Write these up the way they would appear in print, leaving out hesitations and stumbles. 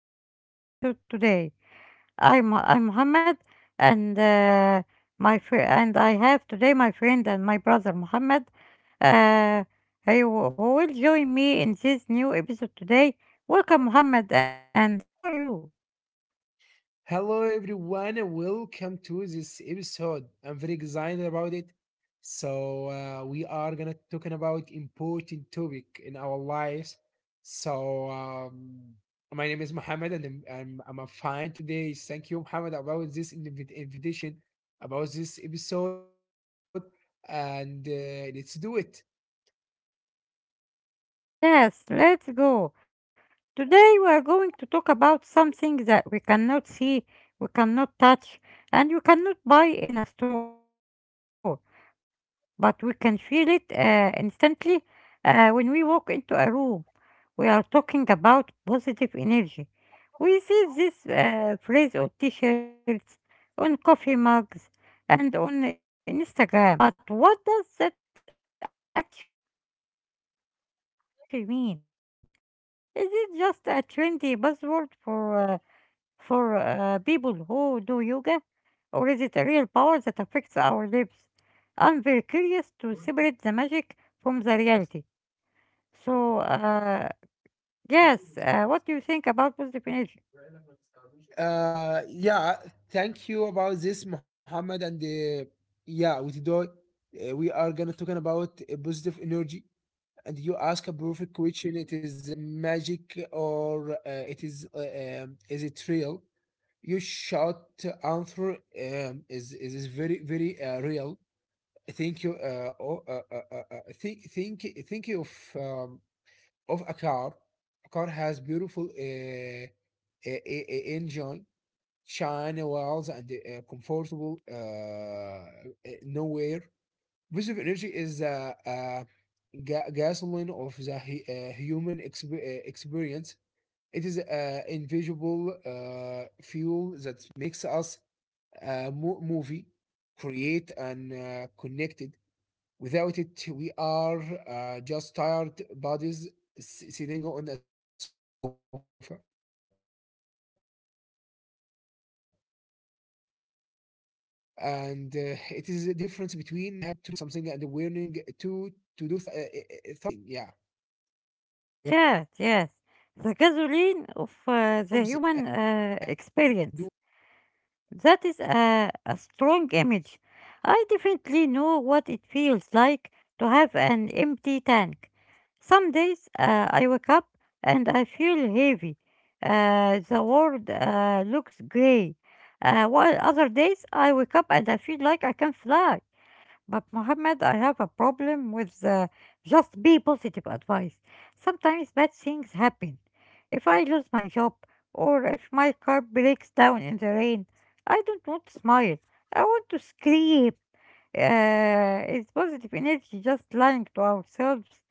our new episode today. I'm Muhammad, and and I have today my friend and my brother Muhammad. Uh, who will join me in this new episode today. Welcome, Muhammad, and how are you? Talking about important topic in our lives. So my name is Mohammed, and I'm fine today. Thank you, Mohammed, about this invitation, about this episode, and let's do it. Yes, let's go. Today we are going to talk about something that we cannot see, we cannot touch, and we cannot buy in a store, but we can feel it instantly when we walk into a room. We are talking about positive energy. We see this phrase on t shirts, on coffee mugs, and on Instagram. Uh, good vibes only. But what does that actually mean? Is it just a trendy buzzword for people who do yoga, or is it a real power that affects our lives? I'm very curious to separate the magic from the reality. So, uh, yes, what do you think about positive energy? Yeah, thank you about this, Mohammed, and yeah, we today we are gonna talking about positive energy. And you ask a perfect question. It is magic, or it is it real? Your short answer is very real. Thank you. Oh, think um, of a car. A car has beautiful engine, shiny wheels, and comfortable nowhere. Positive energy is gasoline of the human experience. It is invisible fuel that makes us movie, create and connected. Without it, we are just tired bodies sitting on a sofa. And it is a difference between having to do something and warning to do something. Yeah, Yes, yes, the gasoline of the human experience. That is a strong image. I definitely know what it feels like to have an empty tank. Some days I wake up and I feel heavy. The world looks gray. While other days I wake up and I feel like I can fly. But Mohammed, I have a problem with just be positive advice. Sometimes bad things happen. If I lose my job or if my car breaks down in the rain, I don't want to smile. I want to scream. Is positive energy just lying to ourselves?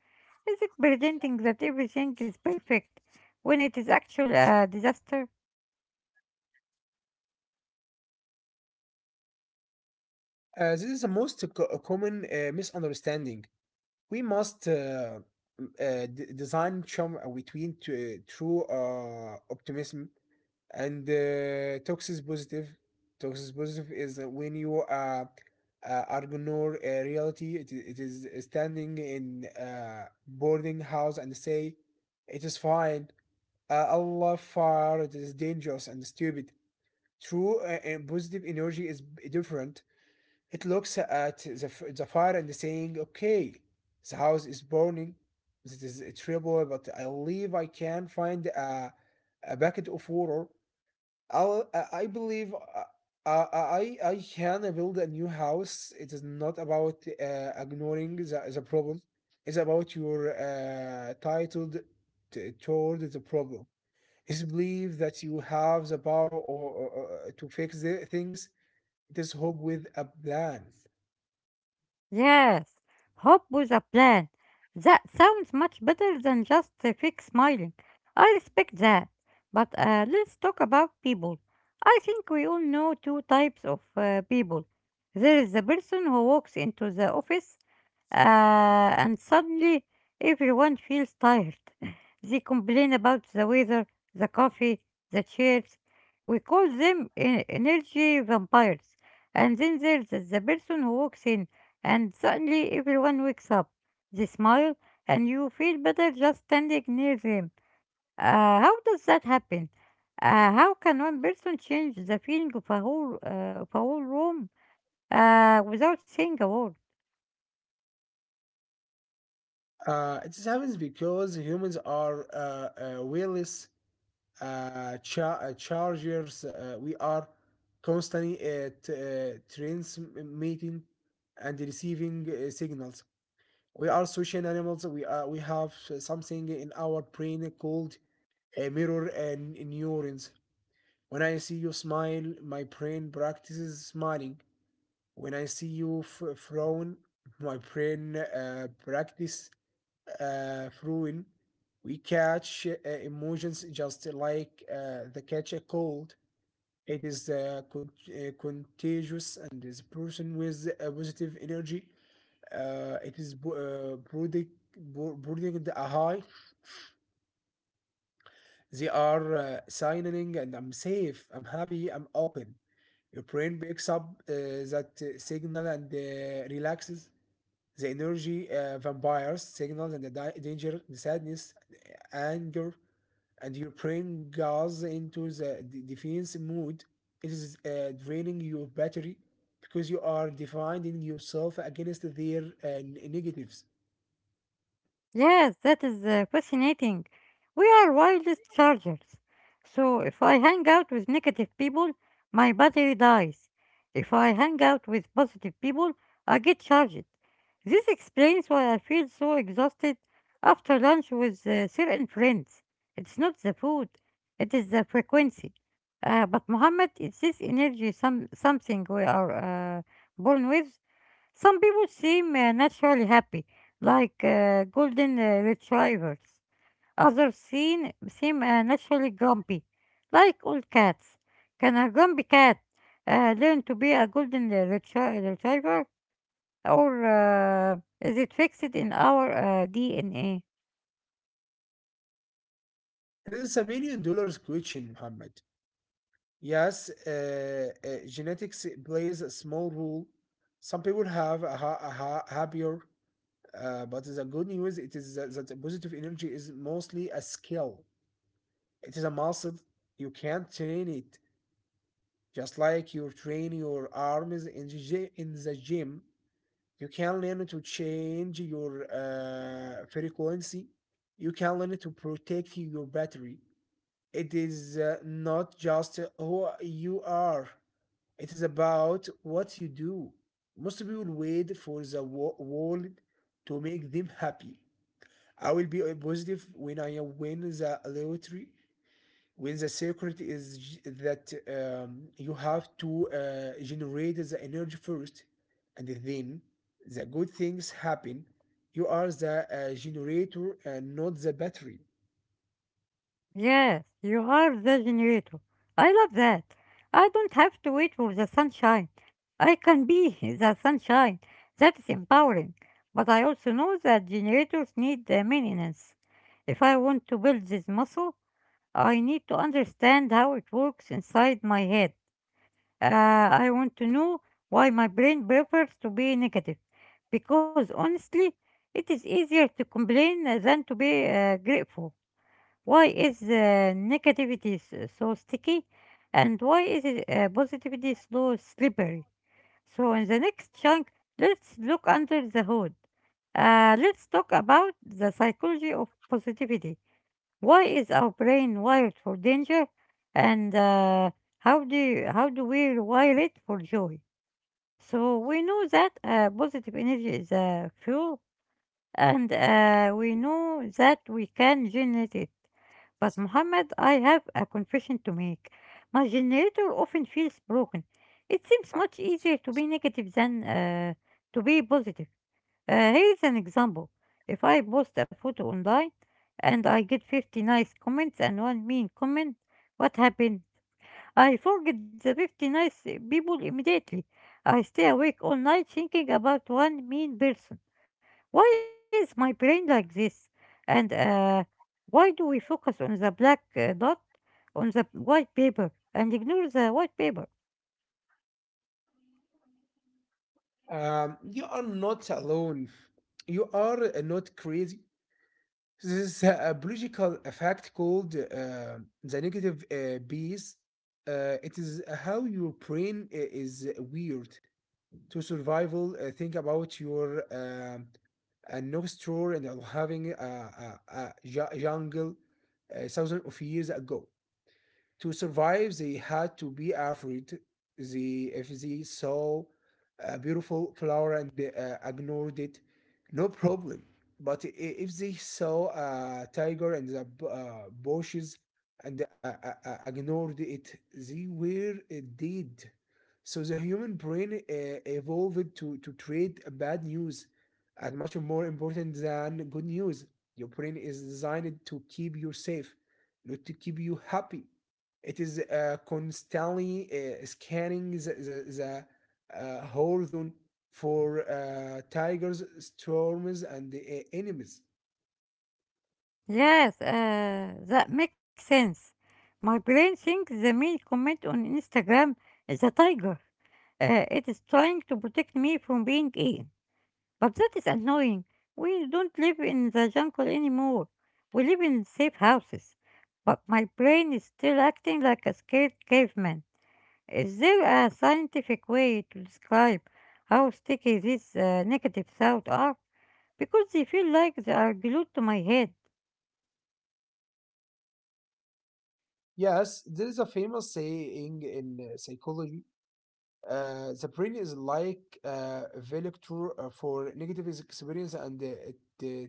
Is it pretending that everything is perfect when it is actually a disaster? This is the most common misunderstanding. We must. Design charm between true optimism and toxis positive. Toxis positive is when you ignore reality. It it, is standing in boarding house and say it is fine, allah far it is dangerous and stupid. True and positive energy is different. It looks at the fire and saying, okay, the house is burning, it is terrible, but I believe I can find a bucket of water. I believe I can build a new house. It is not about ignoring the problem. It's about your titled toward the problem. It's believe that you have the power or to fix the things. It is hope with a plan. Yes, hope with a plan. That sounds much better than just a fake smiling. I respect that. But let's talk about people. I think we all know two types of people. There is the person who walks into the office and suddenly everyone feels tired. They complain about the weather, the coffee, the chairs. We call them energy vampires. And then there's the person who walks in and suddenly everyone wakes up. They smile, and you feel better just standing near them. How does that happen? How can one person change the feeling of a whole room without saying a word? It happens because humans are willless chargers. We are constantly transmitting and receiving signals. We are social animals. We have something in our brain called mirror and neurons. When I see you smile, my brain practices smiling. When I see you frown, my brain practice throwing. We catch emotions just like the catch a cold. It is contagious and is person with a positive energy. It is brooding, brooding a high. They are signaling, and I'm safe. I'm happy. I'm open. Your brain picks up that signal and relaxes. The energy vampires signals and the danger, the sadness, the anger, and your brain goes into the defense mood. It is draining your battery because you are defending yourself against their negatives. Yes, that is fascinating. We are wireless chargers. So if I hang out with negative people, my battery dies. If I hang out with positive people, I get charged. This explains why I feel so exhausted after lunch with certain friends. It's not the food, it is the frequency. But Muhammad, is this energy something we are uh, born with, some people seem naturally happy, like golden retrievers. Others seem naturally grumpy, like old cats. Can a grumpy cat learn to be a golden retriever, or uh, is it fixed in our DNA? This is $1 million question, Muhammad. Yes, genetics plays a small role. Some people have a ha- happier. But the good news it is that the positive energy is mostly a skill. It is a muscle. You can't train it. Just like you train your arms in in the gym, you can learn to change your frequency. You can learn to protect your battery. It is not just who you are. It is about what you do. Most people wait for the world to make them happy. I will be positive when I win the lottery. When the secret is j- that you have to generate the energy first, and then the good things happen. You are the generator, and not the battery. Yes, you are the generator. I love that. I don't have to wait for the sunshine. I can be the sunshine. That is empowering. But I also know that generators need maintenance. If I want to build this muscle, I need to understand how it works inside my head. Uh, I want to know why my brain prefers to be negative. Because honestly, it is easier to complain than to be grateful. Why is the negativity so sticky? And why positivity so slippery? So, in the next chunk, let's look under the hood. Let's talk about the psychology of positivity. Why is our brain wired for danger, and how do we rewire it for joy? So we know that positive energy is a fuel and we know that we can generate it. But Mohammed, I have a confession to make. My generator often feels broken. It seems much easier to be negative than to be positive. Here's an example. If I post a photo online and I get 50 nice comments and one mean comment, what happened? I forget the 50 nice people immediately. I stay awake all night thinking about one mean person. Why is my brain like this? And why do we focus on the black dot on the white paper and ignore the white paper? You are not alone. You are not crazy. This is a biological effect called the negative bees. It is how your brain is weird to survival. Think about your a next door and having a jungle thousands of years ago. To survive, they had to be afraid. They, if they saw a beautiful flower and they ignored it, no problem. But if they saw a tiger and the bushes and ignored it, they were dead. So the human brain evolved to trade bad news as much more important than good news. Your brain is designed to keep you safe, not to keep you happy. It is constantly scanning the horizon for tigers, storms, and enemies. Yes, that makes sense. My brain thinks the main comment on Instagram is a tiger. It is trying to protect me from being eaten. But that is annoying. We don't live in the jungle anymore. We live in safe houses. But my brain is still acting like a scared caveman. Is there a scientific way to describe how sticky these negative thoughts are? Because they feel like they are glued to my head. Yes, there is a famous saying in psychology. The brain is like a vector for negative experience and the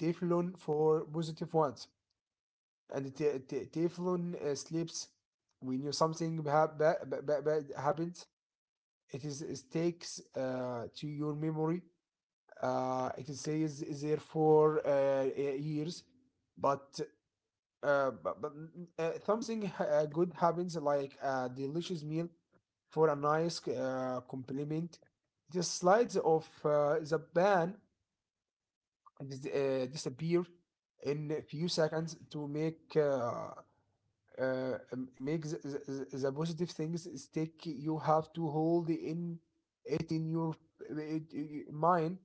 Teflon for positive ones. And the Teflon sleeps when you something bad happens. It is stakes to your memory. It is stays there for years, but but something good happens like a delicious meal for a nice compliment. The slides of the ban disappear in a few seconds. To make make the positive things stick, you have to hold in it in your it, mind.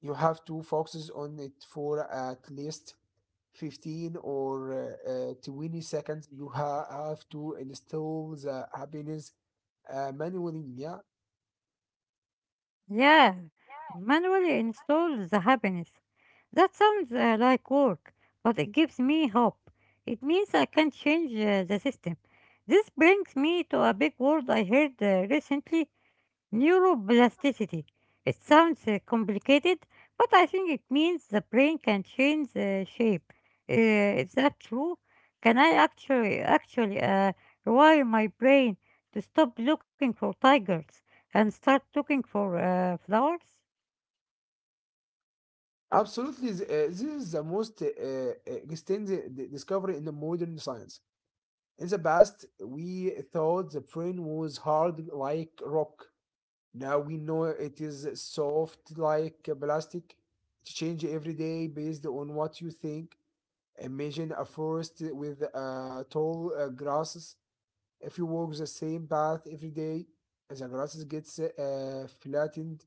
You have to focus on it for at least 15 or 20 seconds. You have to install the happiness manually. Yeah, Yeah, manually install the happiness. That sounds like work, but it gives me hope. It means I can change the system. This brings me to a big word I heard recently. Neuroplasticity. It sounds complicated, but I think it means the brain can change shape. Is that true? Can I actually rewire my brain to stop looking for tigers and start looking for flowers? absolutely. This is the most extensive discovery in the modern science. In the past, we thought the brain was hard like rock. Now we know it is soft like plastic. It change every day based on what you think. Imagine a forest with tall grasses. If you walk the same path every day, the grasses gets flattened,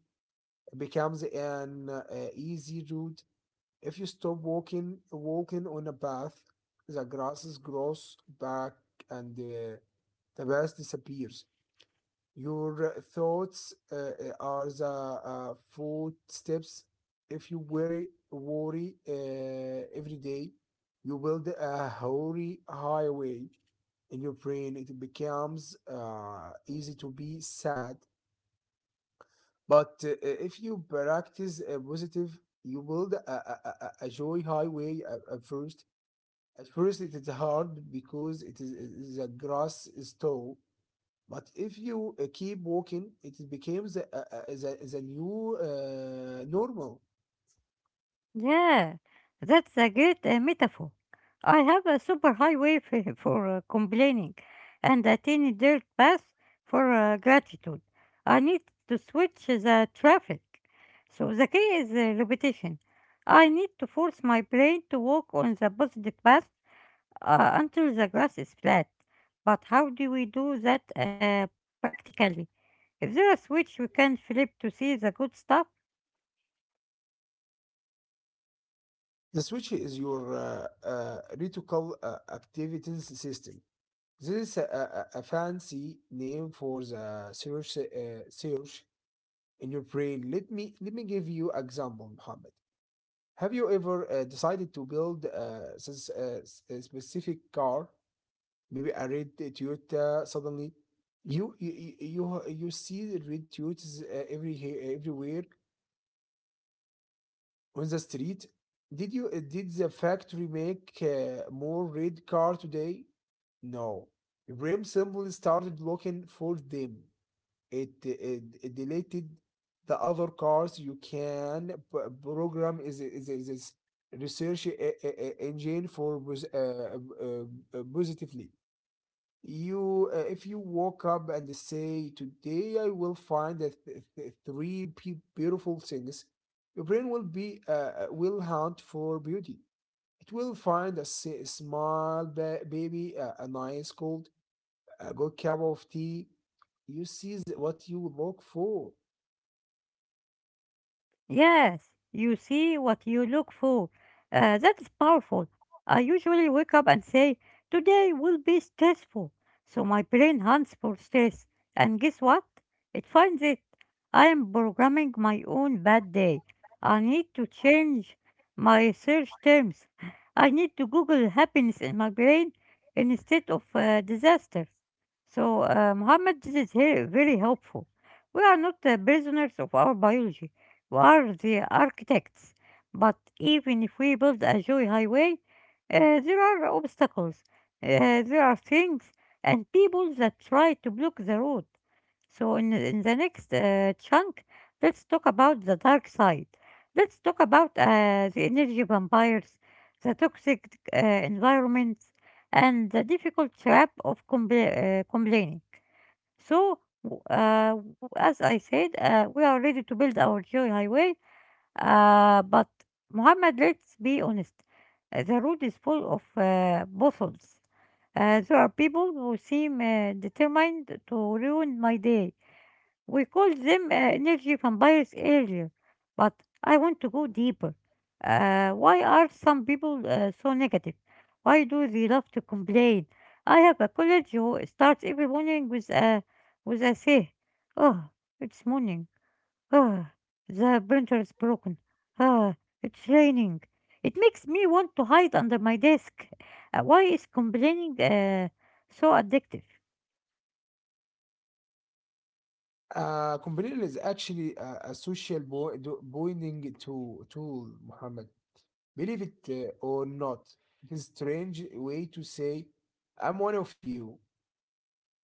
becomes an easy route. If you stop walking on a path, the grasses grows back and the path disappears. Your thoughts are the footsteps. If you worry every day, you build a hoary highway in your brain. It becomes easy to be sad. But if you practice positive, you build a joy highway at first. At first, it is hard because the grass is tall, but if you keep walking, it becomes the new normal. Yeah, that's a great metaphor. I have a super highway for complaining and a tiny dirt path for gratitude. I need to switch the traffic. So the key is repetition. I need to force my brain to walk on the positive path until the grass is flat. But how do we do that practically? Is there a switch we can flip to see the good stuff? The switch is your reticular activating system. This is a fancy name for the search, search in your brain. Let me give you example, Mohammed. Have you ever decided to build a specific car? Maybe a red Toyota suddenly. You see the red Toyotas everywhere on the street. Did you did the factory make more red car today? No. Ibrahim simply started looking for them. It deleted the other cars. You can program is research engine for positively. You If you woke up and say, today I will find the three beautiful things, your brain will be will hunt for beauty. It will find a small baby, a nice cold, a good cup of tea. You see what you look for. Yes, you see what you look for. That is powerful. I usually wake up and say, today will be stressful. So my brain hunts for stress. And guess what? It finds it. I am programming my own bad day. I need to change my search terms. I need to Google happiness in my brain instead of disaster. So, Muhammad, this is very, very helpful. We are not the prisoners of our biology. We are the architects. But even if we build a joy highway, there are obstacles. There are things and people that try to block the road. So, in the next chunk, let's talk about the dark side. Let's talk about the energy vampires, the toxic environment, and the difficult trap of complaining. As I said, we are ready to build our joy highway, but Muhammad, let's be honest. The road is full of bottles. There are people who seem determined to ruin my day. We call them energy vampires earlier, but I want to go deeper. Why are some people so negative? Why do they love to complain? I have a colleague who starts every morning with a say, "Oh, it's morning. Oh, the printer is broken. Oh, it's raining." It makes me want to hide under my desk. Why is complaining so addictive? Companion is actually a social bonding to tool, Muhammad. Believe it or not, it's strange way to say, I'm one of you.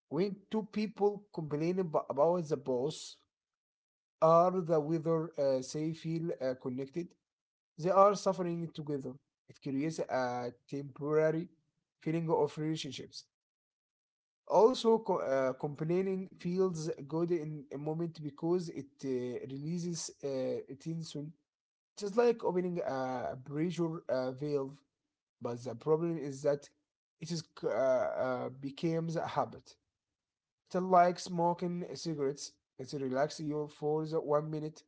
When two people complain about the boss or the weather, they feel connected. They are suffering together. It creates a temporary feeling of relationships. Also, complaining feels good in a moment because it releases tension, just like opening a pressure valve. But the problem is that it is becomes a habit. It's like smoking cigarettes. It relaxes you for the 1 minute,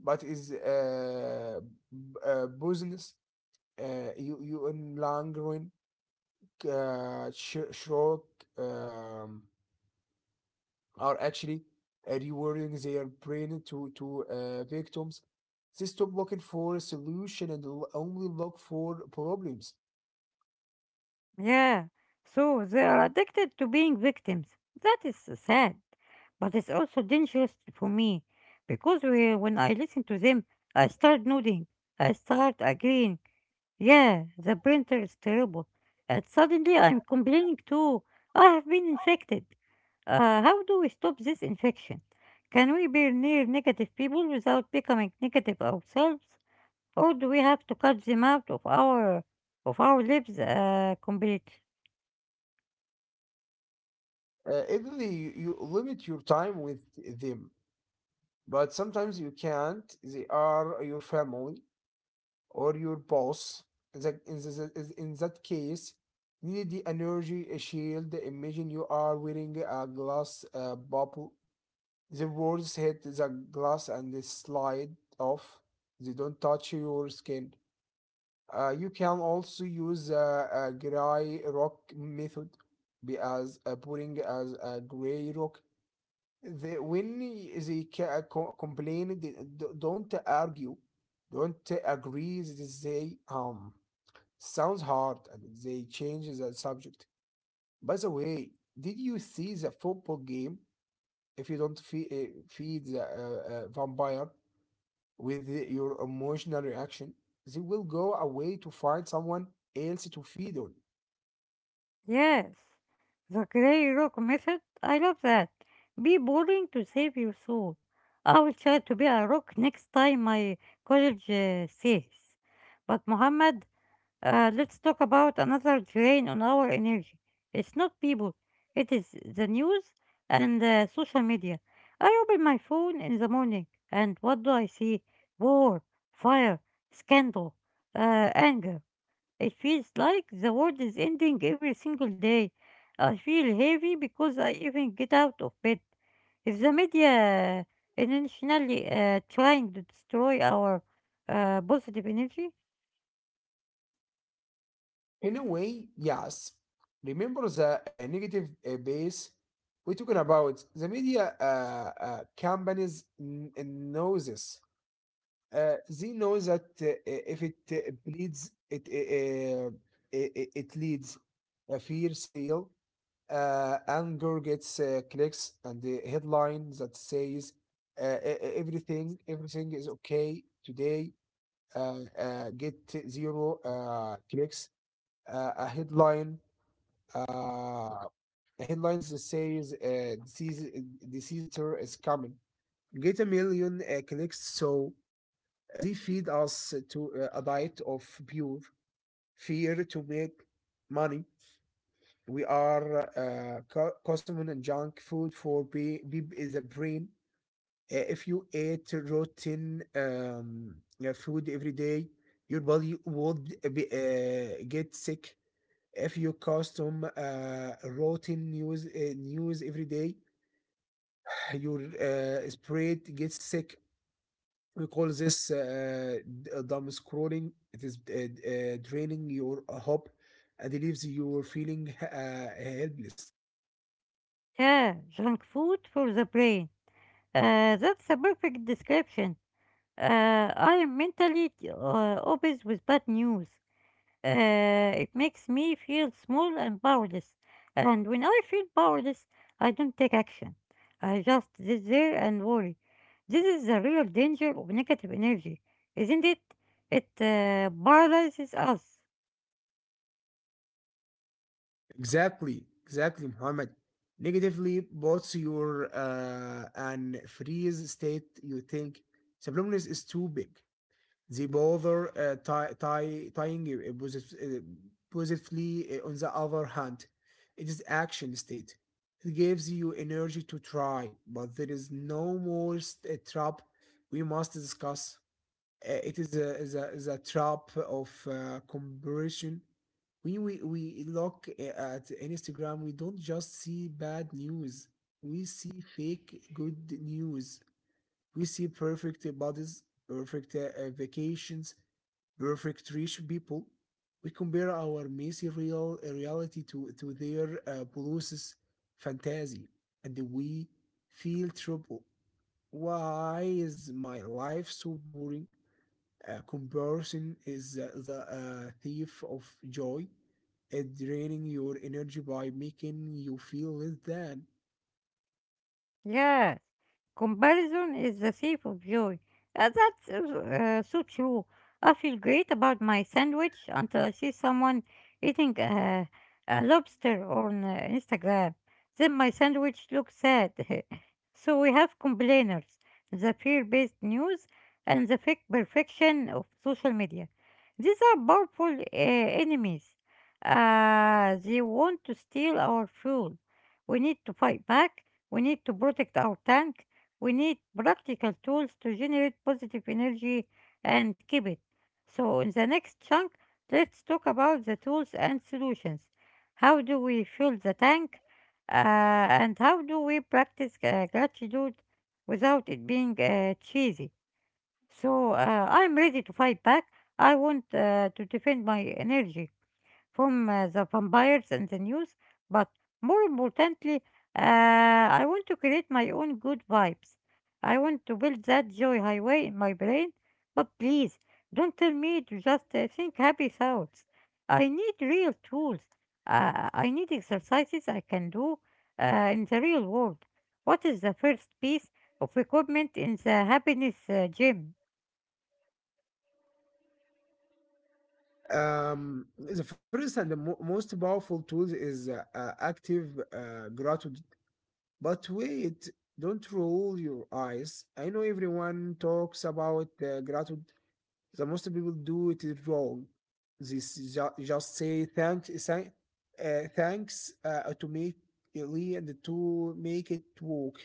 but is poisonous. You you in long run shrug. Um, are actually rewarding their brain to victims. They stop looking for a solution and only look for problems. Yeah, so they are addicted to being victims. That is sad, but it's also dangerous for me because when I listen to them, I start nodding, I start agreeing. Yeah, the printer is terrible, and suddenly I'm complaining too. I have been infected. How do we stop this infection? Can we be near negative people without becoming negative ourselves, or do we have to cut them out of our lives completely? Even you, you limit your time with them, but sometimes you can't. They are your family or your boss. In that case, need the energy shield. Imagine you are wearing a glass bubble. The words hit the glass and they slide off. They don't touch your skin. You can also use a gray rock method. Be as putting as a gray rock. They, when they co- complain, they don't argue, don't agree. They um, sounds hard, and they change the subject. By the way, did you see the football game? If you don't feed the vampire, with your emotional reaction, they will go away to find someone else to feed on. Yes, the grey rock method. I love that. Be boring to save your soul. I will try to be a rock next time my college says. But Mohammed, let's talk about another drain on our energy. It's not people. It is the news and social media. I open my phone in the morning, and what do I see? War, fire, scandal, anger. It feels like the world is ending every single day. I feel heavy because I even get out of bed. If the media intentionally trying to destroy our positive energy, In a way, yes. Remember the negative base we're talking about. The media companies know this. They know that if it bleeds, it leads a fear sale. Anger gets clicks, and the headline that says everything is okay today get zero clicks. Uh, a headline, uh, headlines that says disease tour is coming get 1 million clicks. So they feed us to a diet of pure fear to make money. We are consuming junk food for be is a brain. If you eat rotten food every day, your body would be, get sick. If you consume rotten news every day, your spirit gets sick. We call this dumb scrolling. It is draining your hope and leaves you feeling helpless. yeah, junk food for the brain. That's a perfect description. I am mentally obsessed with bad news. It makes me feel small and powerless. And when I feel powerless, I don't take action. I just sit there and worry. This is the real danger of negative energy, isn't it? It paralyzes us. Exactly, exactly, Muhammad. Negatively puts your an freeze state. You think subliminals is too big. They bother tying you, positively. On the other hand, it is action state. It gives you energy to try, but there is no more st- trap we must discuss. It is a trap of comparison. When we look at Instagram, we don't just see bad news. We see fake good news. We see perfect bodies, perfect vacations, perfect rich people. We compare our messy reality to their policies fantasy, and we feel trouble. Why is my life so boring? Comparison is the thief of joy. It draining your energy by making you feel less than. Yes, comparison is the thief of joy. That's so true. I feel great about my sandwich until I see someone eating a lobster on Instagram. Then my sandwich looks sad. So we have complainers, the fear-based news, and the fake perfection of social media. These are powerful enemies. They want to steal our fuel. We need to fight back. We need to protect our tank. We need practical tools to generate positive energy and keep it. So, in the next chunk, let's talk about the tools and solutions. How do we fill the tank? And how do we practice gratitude without it being cheesy? So, I'm ready to fight back. I want to defend my energy from the vampires and the news, but more importantly, I want to create my own good vibes. I want to build that joy highway in my brain, but please don't tell me to just think happy thoughts. I need real tools. I need exercises I can do in the real world. What is the first piece of equipment in the happiness gym? The first and the most powerful tool is active gratitude. But wait, don't roll your eyes. I know everyone talks about gratitude, the most people do it wrong. They just say thanks automatically and to make it work.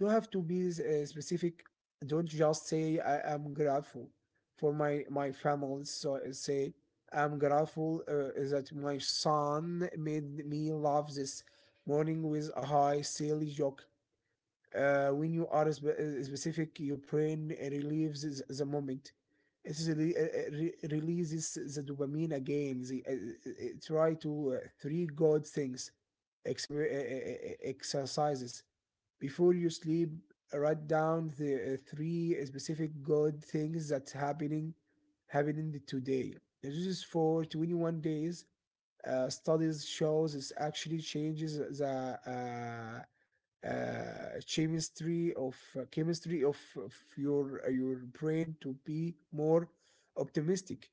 You have to be specific. Don't just say I am grateful for my family. So say I'm grateful that my son made me laugh this morning with a high silly joke. When you are specific, your brain relieves the moment. It releases the dopamine again. Try to three good things, exercises before you sleep. Write down the three specific good things happening today. And this is for 21 days. Studies shows this actually changes the chemistry of your brain to be more optimistic.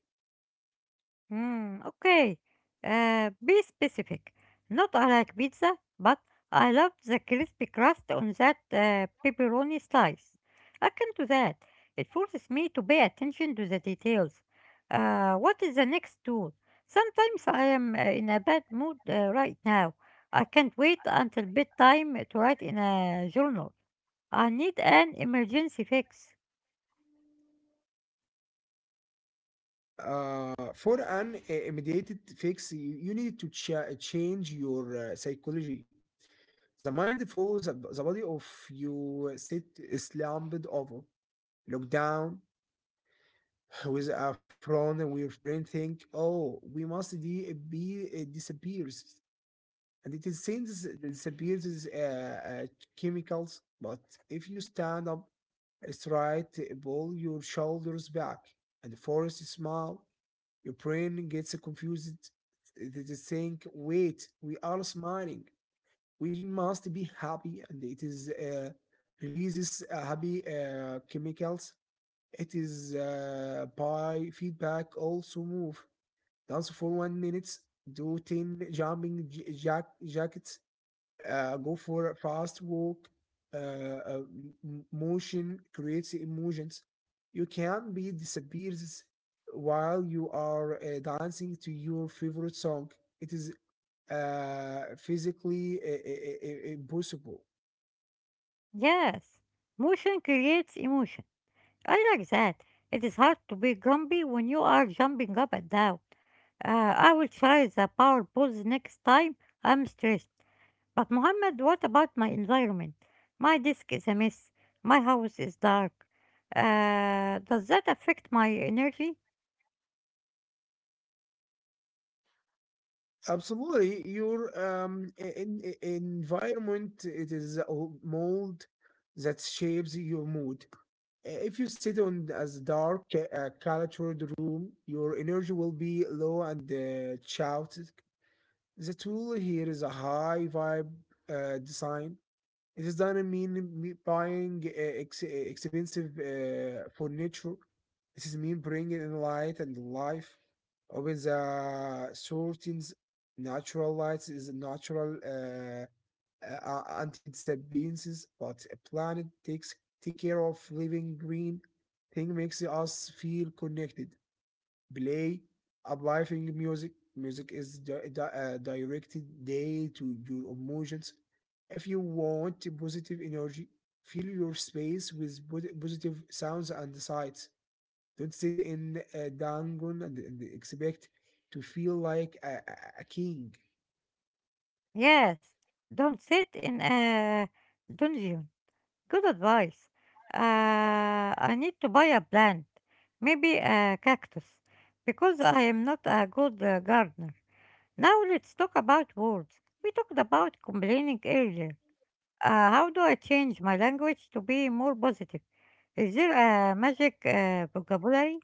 Hmm. Okay. Be specific. Not I like pizza, but I love the crispy crust on that pepperoni slice. I can do that. It forces me to pay attention to the details. What is the next tool? Sometimes I am in a bad mood right now. I can't wait until bedtime to write in a journal. I need an emergency fix. For an immediate fix, you need to change your psychology. The mind follows the body. Of you sit slumped over, look down with a frown, and your brain think, "Oh, we must be disappears," and it is seen as it disappears chemicals. But if you stand up straight, pull your shoulders back, and force a smile, your brain gets confused. It is saying, "Wait, we are smiling. We must be happy," and it is releases happy chemicals. It is by feedback. Also move. Dance for 1 minute. Do ten jumping jackets, go for a fast walk. uh, uh, m- Motion creates emotions. You can not be disappears while you are dancing to your favorite song. It is physically impossible. Yes, motion creates emotion. I like that. It is hard to be grumpy when you are jumping up and down. I will try the power pose next time I'm stressed. But Mohammed, what about my environment? My desk is a mess. My house is dark. Does that affect my energy? Absolutely. Your environment it is a mold that shapes your mood. If you sit on as dark, cluttered room, your energy will be low and chaotic. The tool here is a high vibe design. It is doesn't mean me buying expensive furniture. This is mean bringing in light and life. Open the curtains. Natural lights is natural. Anti-disappearances, but a planet takes take care of living green thing makes us feel connected. Play uplifting music. Music is directed day to your emotions. If you want positive energy, fill your space with positive sounds and sights. Don't sit in a dungeon and expect to feel like a king. Yes. Don't sit in a dungeon. Good advice. I need to buy a plant, maybe a cactus, because I am not a good gardener. Now let's talk about words. We talked about complaining earlier. How do I change my language to be more positive? Is there a magic vocabulary?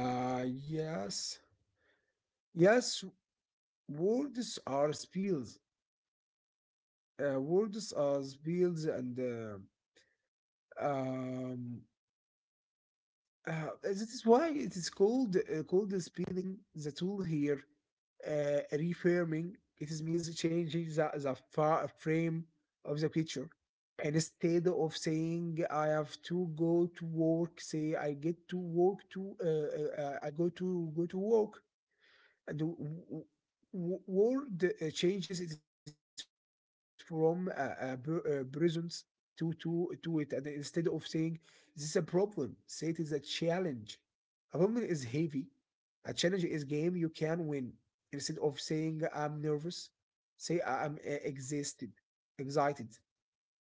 Yes. Yes, words are spells. Words are spells, and um, uh, that is why it is called called the spelling. The tool here, reframing. It is means changing the frame of the picture. And instead of saying I have to go to work, say I get to work to go to work. And word changes it is from present to it. And instead of saying this is a problem, say it is a challenge. A problem is heavy, a challenge is game you can win. Instead of saying I'm nervous, say I'm exhausted excited.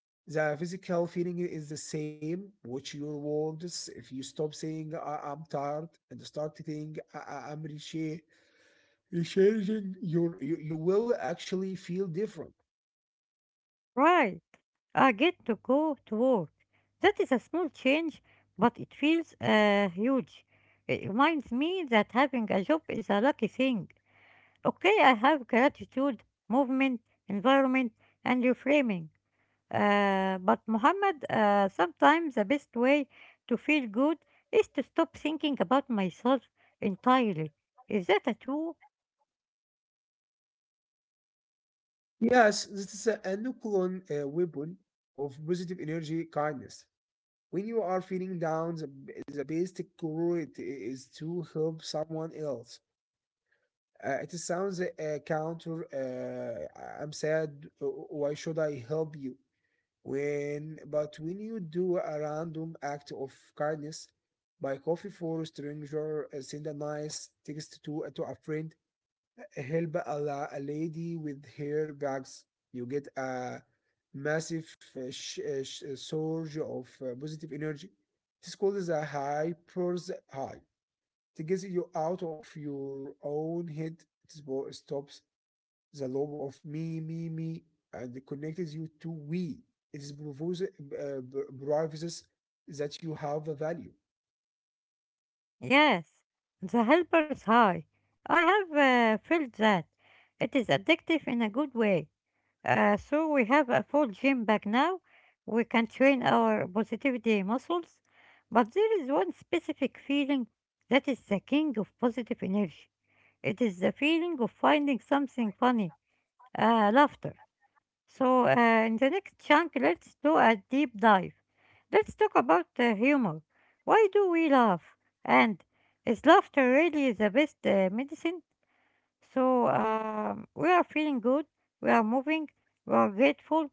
The physical feeling is the same with your words. If you stop saying I'm tired and start saying I'm rich, changing your you will actually feel different. Right. I get to go to work. That is a small change, but it feels huge. It reminds me that having a job is a lucky thing. Okay, I have gratitude, movement, environment, and reframing. But Muhammad, sometimes the best way to feel good is to stop thinking about myself entirely. Is that a tool? Yes, this is a nucleon weapon of positive energy kindness. When you are feeling down, the best cure it is to help someone else. It sounds a counter. "I am sad. Why should I help you?" When, but when you do a random act of kindness, buy coffee for a stranger, send a nice text to a friend, help a lady with her bags. You get a massive surge of positive energy. It's called the hyper's high. It gets you out of your own head. It stops the lobe of me, and connects you to we. It is provides provides that you have a value. Yes. The helper's high. I have felt that. It is addictive in a good way. So we have a full gym bag now. We can train our positivity muscles. But there is one specific feeling that is the king of positive energy. It is the feeling of finding something funny, laughter. So, in the next chunk, let's do a deep dive. Let's talk about humor. Why do we laugh? And is laughter really the best medicine? So, we are feeling good, we are moving, we are grateful,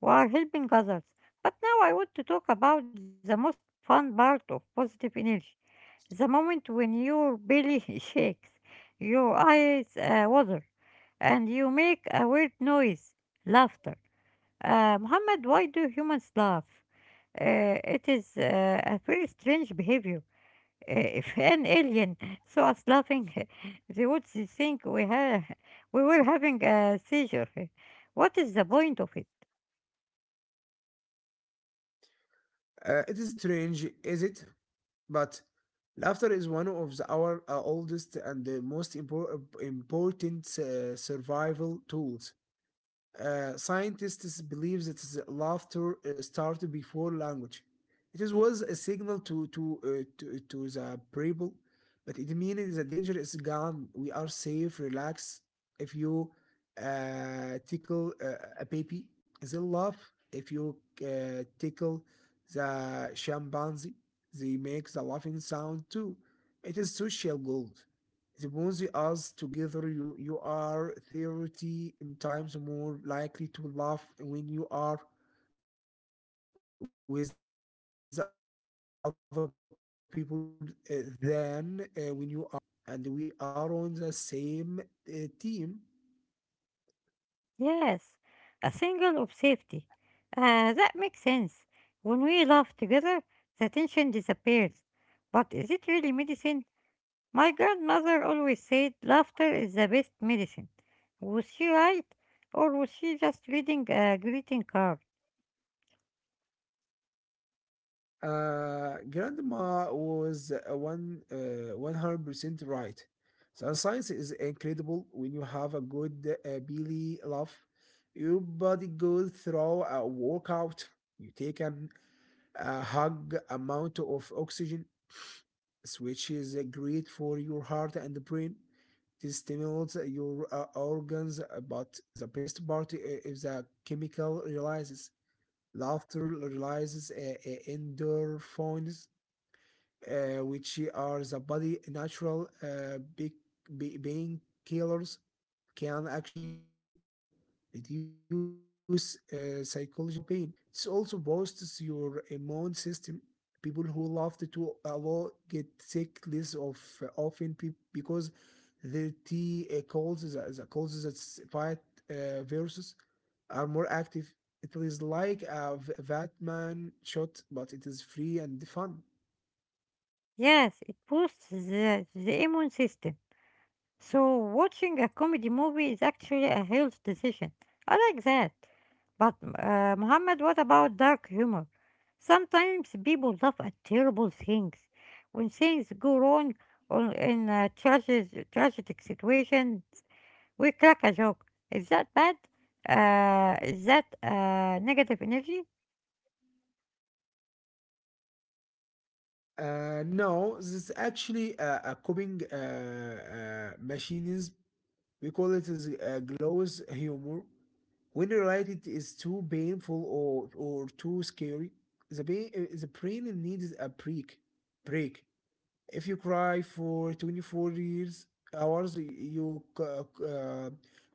we are helping others. But now I want to talk about the most fun part of positive energy, the moment when your belly shakes, your eyes water, and you make a weird noise, laughter. Muhammad, why do humans laugh? It is a very strange behavior. If an alien saw us laughing, they would think we were having a seizure. What is the point of it? It is strange, is it? But laughter is one of our oldest and the most important survival tools. Scientists believe that the laughter started before language. It was a signal to the people, but it means the danger is gone. We are safe. Relax. If you tickle a baby, they laugh. If you tickle the chimpanzee, they make the laughing sound too. It is social gold. Suppose us together, you are 30 times more likely to laugh when you are with the other people uh, than when you are alone. It is a way of saying I like you and we are on the same uh, team. Yes, a single of safety. That makes sense. When we laugh together, the tension disappears. But is it really medicine? My grandmother always said laughter is the best medicine. Was she right? Or was she just reading a greeting card? Grandma was one 100% right. So science is incredible when you have a good belly laugh. Your body goes through a workout. You take a hug amount of oxygen, which is great for your heart and the brain. This stimulates your organs. But the best part is the chemical releases. Laughter releases endorphins, which are the body natural big killers, can actually reduce psychological pain. It also boosts your immune system. People who love to a get sick less of often because their T calls, the calls that fight viruses are more active. It is like a Batman shot, but it is free and fun. Yes, it boosts the immune system. So, watching a comedy movie is actually a health decision. I like that. But, Muhammad, what about dark humor? Sometimes people laugh at terrible things. When things go wrong or in tragic situations, we crack a joke. Is that bad? Is that negative energy? No, this is actually a coping machines. We call it as a glows humor. When related is too painful or too scary, the brain needs a break. If you cry for hours, you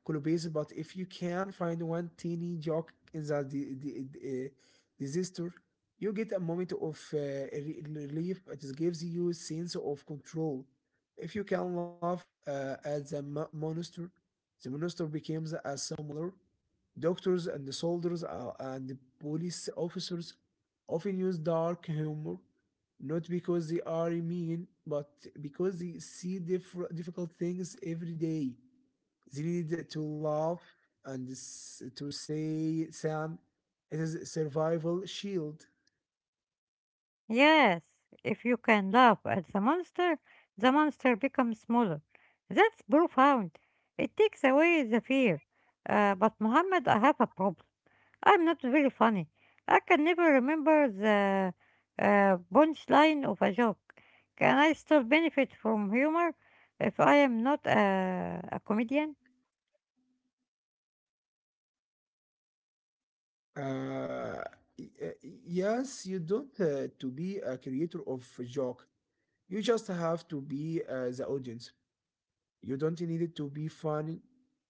collapse. But if you can find one teeny joke in the disaster, you get a moment of relief. It gives you a sense of control. If you can laugh at the monster, the monster becomes a similar. Doctors and the soldiers and the police officers often use dark humor, not because they are mean, but because they see difficult things every day. They need to laugh and to say, Sam, it is a survival shield. Yes. If you can laugh at the monster becomes smaller. That's profound. It takes away the fear. But Muhammad, I have a problem. I'm not very funny. I can never remember the punchline of a joke. Can I still benefit from humor if I am not a comedian? Uh, y- uh, yes, you don't to be a creator of a joke. You just have to be the audience. You don't need it to be funny.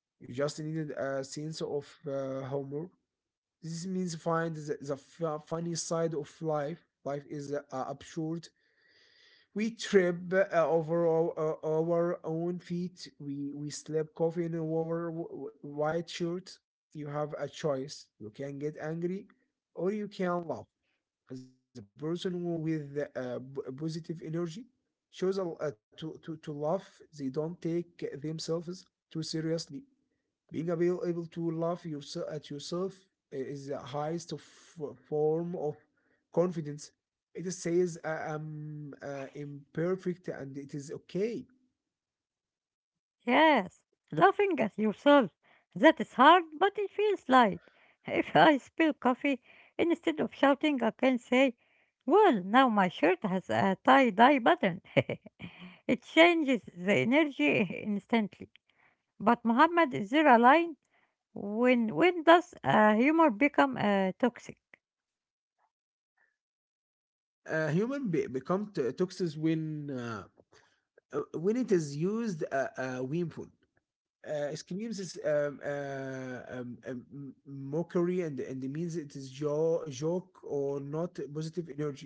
You just need a sense of humor. This means find the funny side of life. Life is absurd. We trip over our own feet. We slip coffee in our white shirt. You have a choice. You can get angry, or you can laugh. As a person who, with positive energy, shows a, to laugh. They don't take themselves too seriously. Being able to laugh yourself at yourself is the highest of form of confidence. It says, "I am imperfect and it is okay." Yes, laughing at yourself. That is hard, but it feels light. If I spill coffee, instead of shouting, I can say, "Well, now my shirt has a tie dye button." It changes the energy instantly. But, Muhammad, is there a line? When does humor become toxic? Human become toxic when it is used painful. It means um, um, mockery and it means it is joke or not positive energy.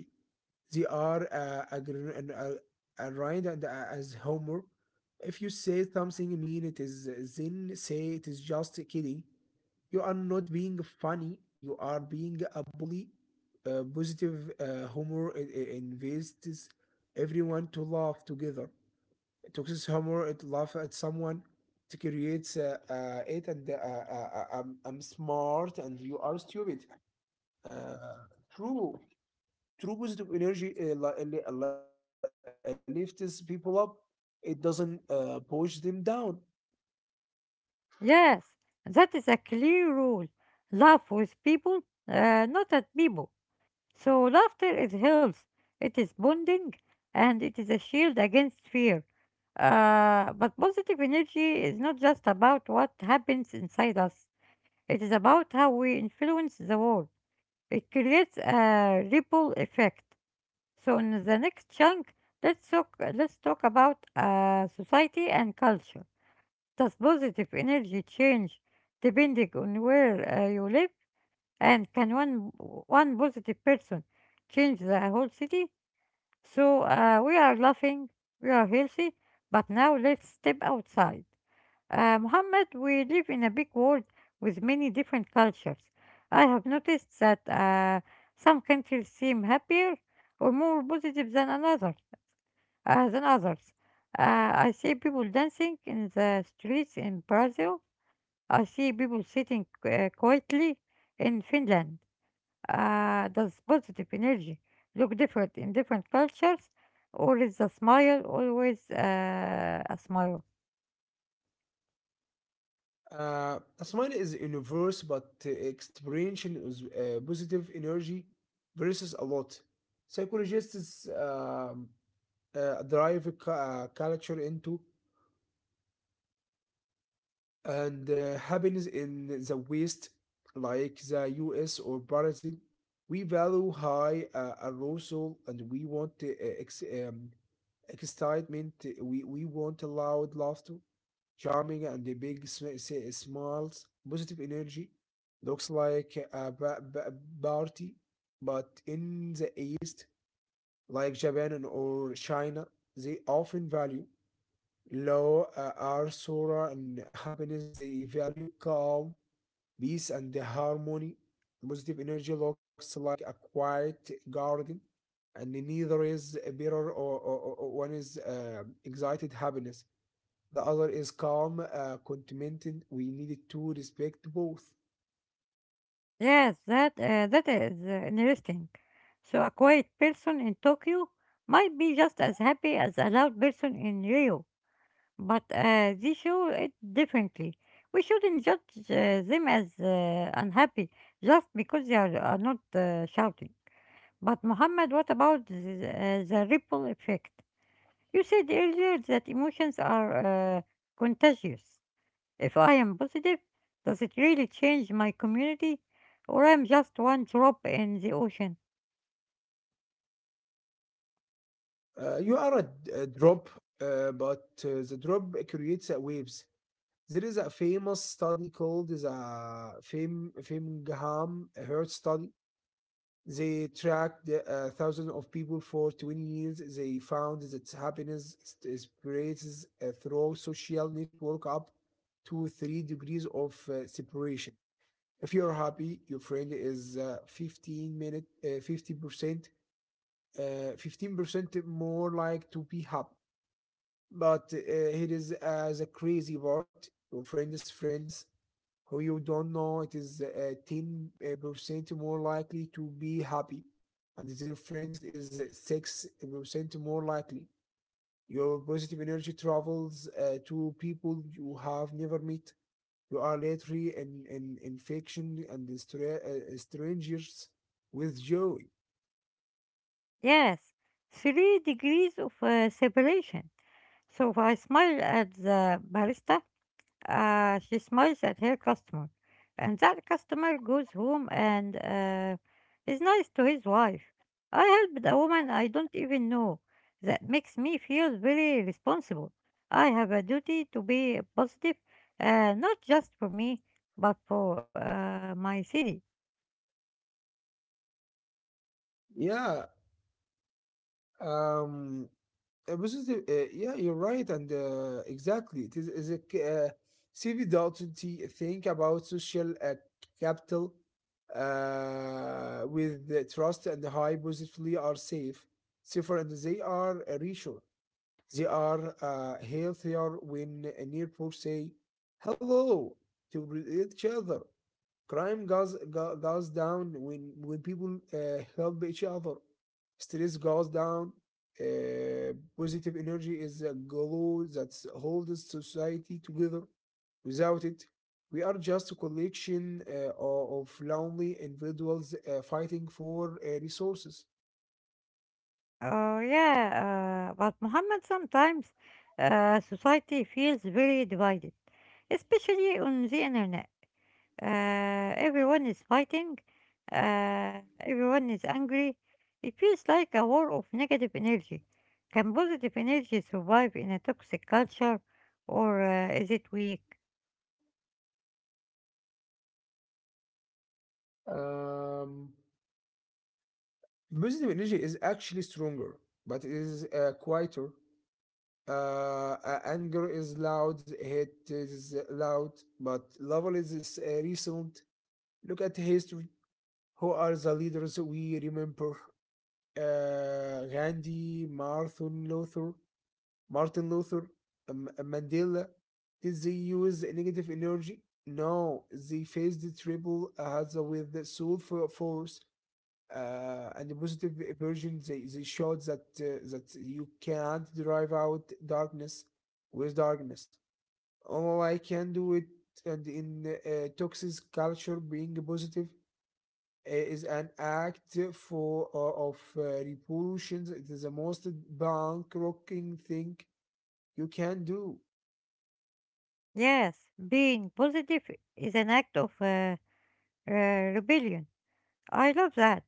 They are aligned and as Homer. If you say something mean, it is then say it is just kidding. You are not being funny. You are being a bully. Positive humor invites everyone to laugh together. Toxic humor, it laugh at someone, it creates it, and I'm smart and you are stupid. Uh, true, true positive energy lifts people up. It doesn't push them down. Yes, that is a clear rule. Laugh with people, not at people. So laughter is health, it is bonding, and it is a shield against fear. But positive energy is not just about what happens inside us, it is about how we influence the world. It creates a ripple effect. So in the next chunk, let's talk about society and culture. Does positive energy change depending on where you live? And can one positive person change the whole city? So we are laughing, we are healthy, but now let's step outside. Muhammad, we live in a big world with many different cultures. I have noticed that some countries seem happier or more positive than others. I see people dancing in the streets in Brazil. I see people sitting quietly in Finland. Does positive energy look different in different cultures, or is the smile always a smile? Asman is universe, but experiencing is positive energy versus a lot. Psychologists drive a culture into and happiness in the West, like the US or Brazil, we value high arousal and we want ex- um, excitement, we want loud laughter, charming and the big smiles, positive energy. Looks like a party, but in the East, like Japan or China, they often value Law are sorrow and happiness. They value calm, peace, and the harmony. Positive energy looks like a quiet garden, and neither is bitter or one is excited happiness. The other is calm, contented. We needed to respect both. Yes, that is interesting. So a quiet person in Tokyo might be just as happy as a loud person in Rio, but they show it differently. We shouldn't judge them as unhappy just because they are not shouting. But Muhammad, what about the, the ripple effect? You said earlier that emotions are uh, contagious. If I am positive, does it really change my community? Or I'm just one drop in the ocean? You are a drop, but the drop creates waves. There is a famous study called the Framingham Heart Study. They tracked thousands of people for 20 years. They found that happiness spreads through social network up to 3 degrees of separation. If you're happy, your friend is 15 minute, 50%, 15% more like to be happy. But here is the crazy part. Your friend's friends who you don't know, it is 10% more likely to be happy, and their friends is 6% more likely. Your positive energy travels to people you have never met. You are literally in infection and strangers with joy. Yes, 3 degrees of separation. So if I smile at the barista, she smiles at her customer, and that customer goes home and is nice to his wife. I helped a woman I don't even know. That makes me feel very responsible. I have a duty to be positive, not just for me, but for my city. Yeah. Um, positive. Yeah, you're right, and exactly. Is a CV Dalton think about social capital with the trust and the high positively are safer, and they are a resource. They are healthier when near poor say hello to each other. Crime goes down when people help each other. Stress goes down. Positive energy is a glue that holds society together. Without it, we are just a collection of lonely individuals fighting for resources. Oh, yeah, but Muhammad, sometimes society feels very divided, especially on the internet. Everyone is fighting. Everyone is angry. It feels like a war of negative energy. Can positive energy survive in a toxic culture, or is it weak? Um, Positive energy is actually stronger, but it is quieter. Anger is loud, hate is loud, but love is recent. Look at history. Who are the leaders we remember? Uh, Gandhi, Martin Luther, Martin Luther, Mandela. Did they use negative energy? No, they faced the triple hazard with the soul for force and the positive version. They showed that you can't drive out darkness with darkness. All I can do it, and in toxic culture, being positive is an act for of repulsions. It is the most bank rocking thing you can do. Yes, being positive is an act of rebellion. I love that.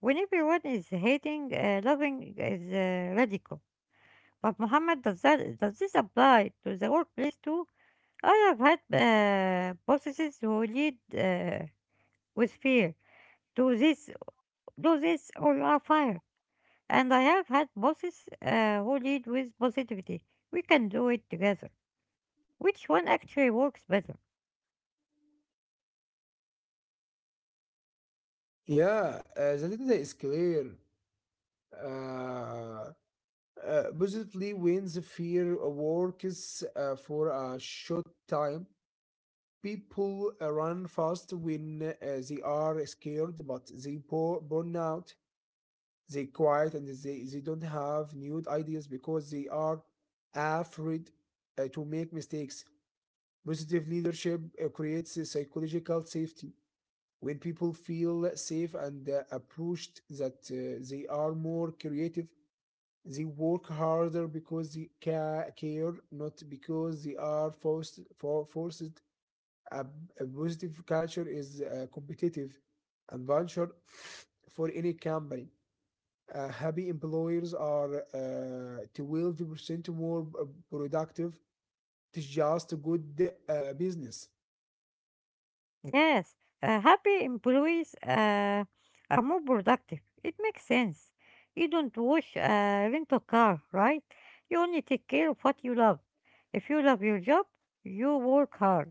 When everyone is hating, loving is radical. But Muhammad, does this apply to the workplace too? I have had bosses who lead with fear. Do this, do this, or you are fired. And I have had bosses who lead with positivity. We can do it together. Which one actually works better? Yeah, that is clear. uh, Positively, when the fear works for a short time, people run fast when they are scared, but they pour, burn out, they quiet, and they don't have new ideas because they are afraid to make mistakes. Positive leadership creates a psychological safety. When people feel safe and approached that they are more creative, they work harder because they care, not because they are forced. A, a positive culture is competitive adventure for any company. Happy employers are 12% more productive. It's just a good business. Yes, happy employees are more productive. It makes sense. You don't wash a rental car, right? You only take care of what you love. If you love your job, you work hard.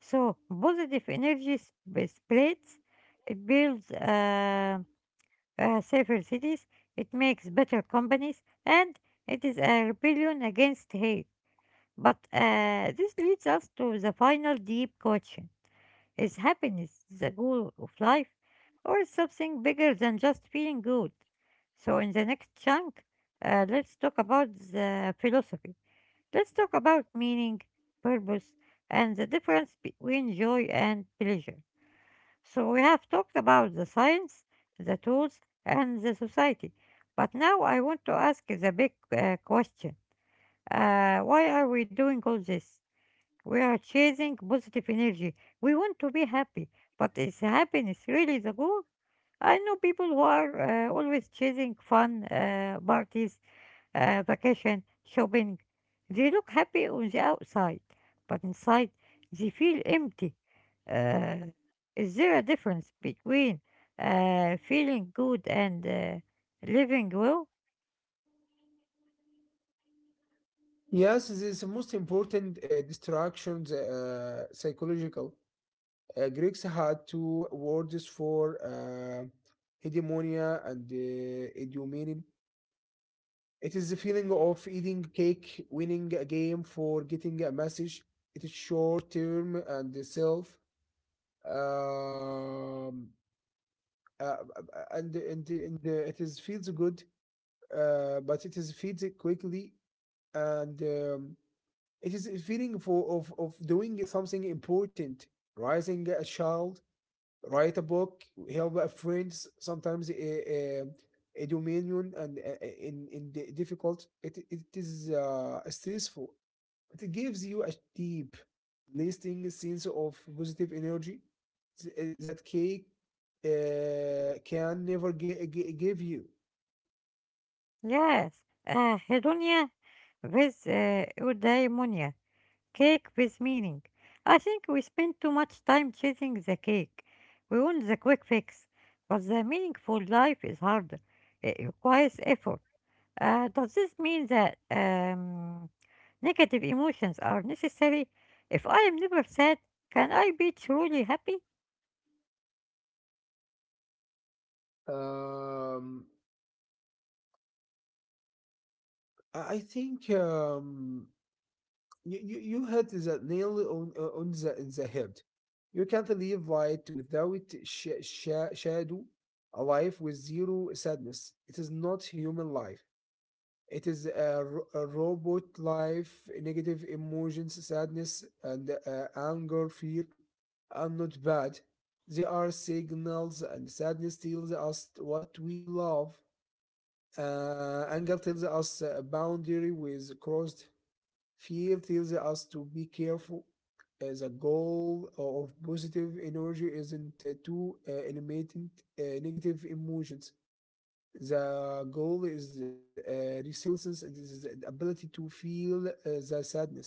So positive energy spreads. It builds. Safer cities, it makes better companies, and it is a rebellion against hate. But this leads us to the final deep question. Is happiness the goal of life, or is something bigger than just feeling good? So, in the next chunk, let's talk about the philosophy. Let's talk about meaning, purpose, and the difference between joy and pleasure. So we have talked about the science, the tools, and the society. But now I want to ask the big question. Why are we doing all this? We are chasing positive energy. We want to be happy. But is happiness really the goal? I know people who are always chasing fun, parties, vacation, shopping. They look happy on the outside, but inside they feel empty. Uh, is there a difference between feeling good and living well? Yes, this is the most important distractions, psychological. Greeks had two words for hegemonia and idiomenin. It is the feeling of eating cake, winning a game for getting a message. It is short term and self. Um, uh, and It is feels good, but it is feels quickly and it is a feeling for of doing something important, raising a child, write a book, help a friends, sometimes a dominion and in the difficult it, it is stressful. It gives you a deep lasting sense of positive energy that cake can never give you. Yes. Hedonia with eudaimonia, cake with meaning. I think we spend too much time chasing the cake. We want the quick fix, but the meaningful life is harder. It requires effort. Does this mean that negative emotions are necessary? If I am never sad, can I be truly happy? um, I think you hit the nail on the head. You can't live light without shadow. A life with zero sadness, it is not human life. It is a robot life. Negative emotions, sadness, and anger, fear, are not bad. They are signals, and sadness tells us what we love. Anger tells us a boundary with crossed. Fear tells us to be careful. As a goal of positive energy isn't to eliminate negative emotions. The goal is resilience, and this is the ability to feel the sadness,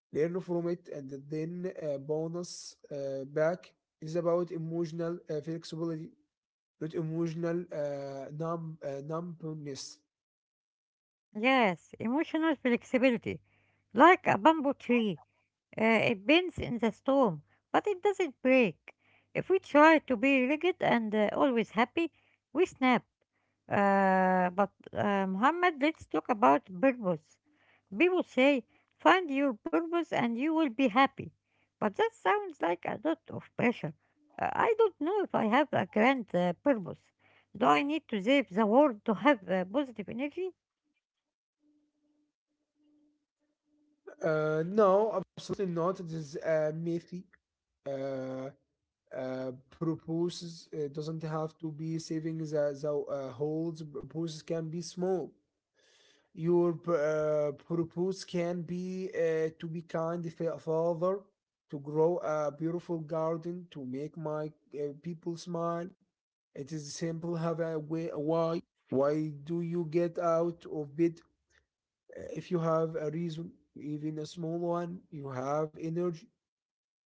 learn from it, and then bonus back. Is about emotional flexibility, not emotional numbness. Yes, emotional flexibility. Like a bamboo tree, uh, it bends in the storm, but it doesn't break. If we try to be rigid and always happy, we snap. But Muhammad, let's talk about purpose. People say, find your purpose and you will be happy. But that sounds like a lot of pressure. I don't know if I have a grand purpose. Do I need to save the world to have positive energy? No, absolutely not. It is a myth. Uh, Proposes it doesn't have to be savings. The Holds proposes can be small. Your purpose can be to be kind father, to grow a beautiful garden, to make my people smile. It is simple, have a way why. Why do you get out of bed? If you have a reason, even a small one, you have energy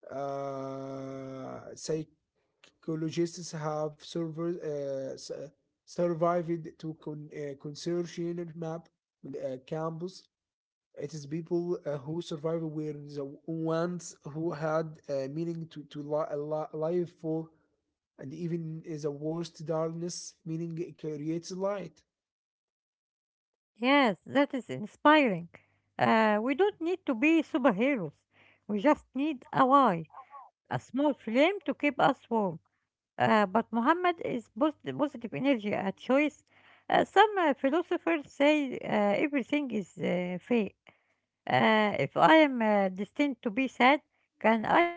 say. Ecologists have survived to conservation map campus. It is people who survived were the ones who had meaning to life for, and even is the worst darkness, meaning it creates light. Yes, that is inspiring. We don't need to be superheroes. We just need a why, a small flame to keep us warm. But Muhammad, is positive energy a choice? Some philosophers say everything is fate. If I am destined to be sad,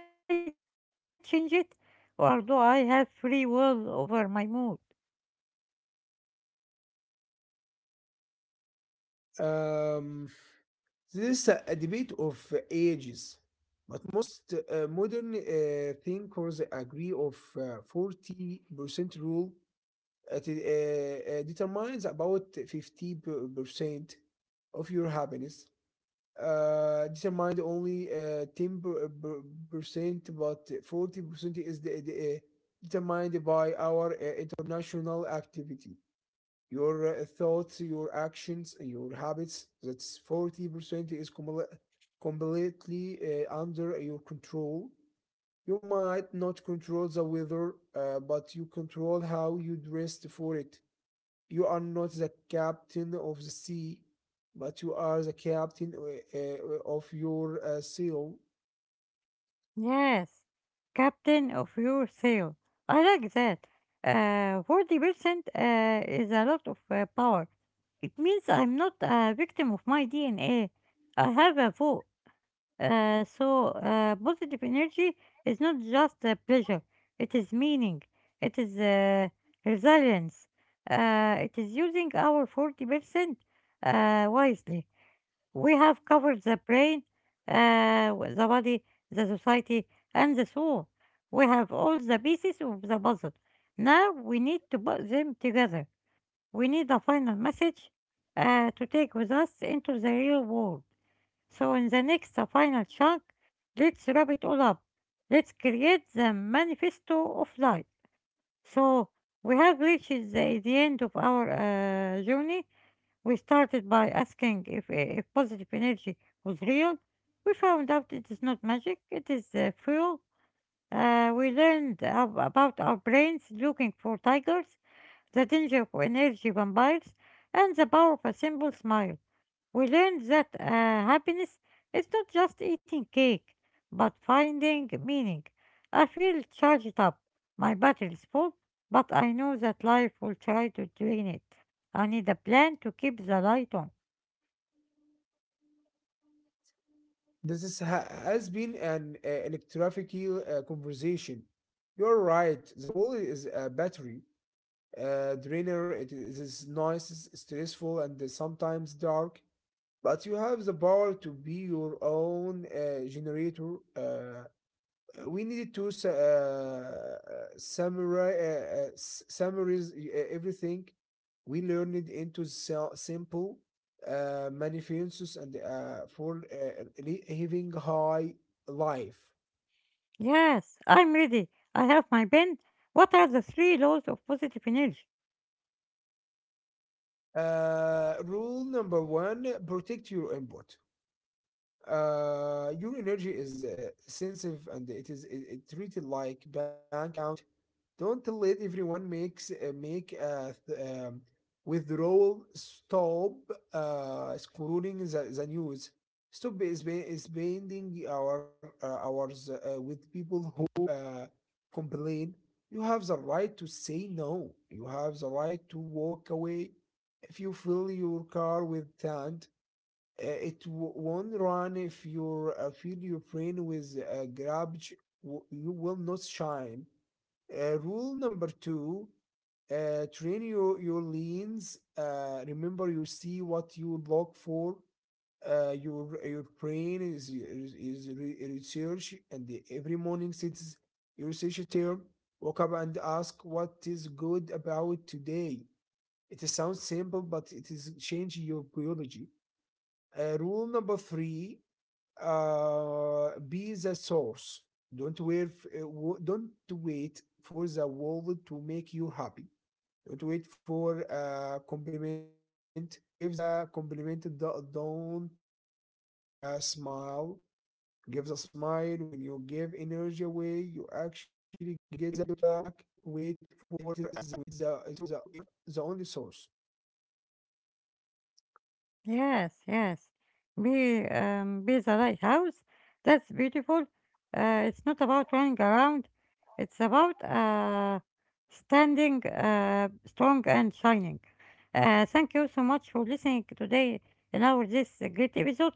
can I change it? Or do I have free will over my mood? Um, this is a debate of ages, but most modern thinkers agree of 40% rule. It determines about 50% of your happiness. Determined only 10%, but 40% is determined by our international activity. Your thoughts, your actions, your habits, that's 40% is com- completely under your control. You might not control the weather, but you control how you dress for it. You are not the captain of the sea, but you are the captain of your sail. Yes, captain of your sail. I like that. 40% is a lot of power. It means I'm not a victim of my DNA. I have a vote. So, positive energy is not just pleasure, it is meaning, it is resilience, it is using our 40% wisely. We have covered the brain, the body, the society, and the soul. We have all the pieces of the puzzle. Now we need to put them together. We need a final message to take with us into the real world. So in the next final chunk, let's wrap it all up. Let's create the manifesto of life. So we have reached the end of our journey. We started by asking if positive energy was real. We found out it is not magic, it is fuel. We learned about our brains looking for tigers, the danger of energy vampires, and the power of a simple smile. We learned that happiness is not just eating cake, but finding meaning. I feel charged up. My battery is full, but I know that life will try to drain it. I need a plan to keep the light on. This has been an electric conversation. You're right. The wall is a battery drainer. It is nice, stressful, and sometimes dark. But you have the power to be your own generator. We needed to summarize everything we learned into simple manifestos and for living high life. Yes, I'm ready. I have my pen. What are the three laws of positive energy? Rule number one: protect your input. Your energy is sensitive, and it is it treated like bank account. Don't let everyone makes withdrawal. Stop excluding the news. Stop is is spending our hours with people who complain. You have the right to say no. You have the right to walk away. If you fill your car with sand, won't run. If you fill your brain with garbage, you will not shine. Rule number two: train your lens. Remember, you see what you look for. Your brain is research, and every morning sits your research term. Wake up and ask what is good about today. It sounds simple, but it is change your biology. Rule number three: be the source. Don't wait. uh, Don't wait for the world to make you happy. Don't wait for a compliment. Give the compliment. Don't wait for a smile. Give the smile. When you give energy away, you actually get more back. It is the only source. Yes, yes. Be be the lighthouse. That's beautiful. It's not about running around. It's about standing strong and shining. Thank you so much for listening today in our this great episode.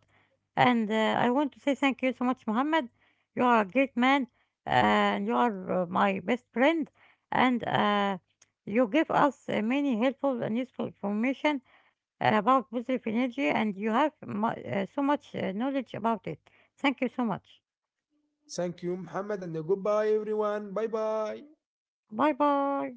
And I want to say thank you so much, Mohammed. You are a great man, and you are my best friend. And you give us many helpful and useful information about positive energy and you have so much knowledge about it. Thank you so much. Thank you, Muhammad, and goodbye, everyone. Bye bye. Bye bye.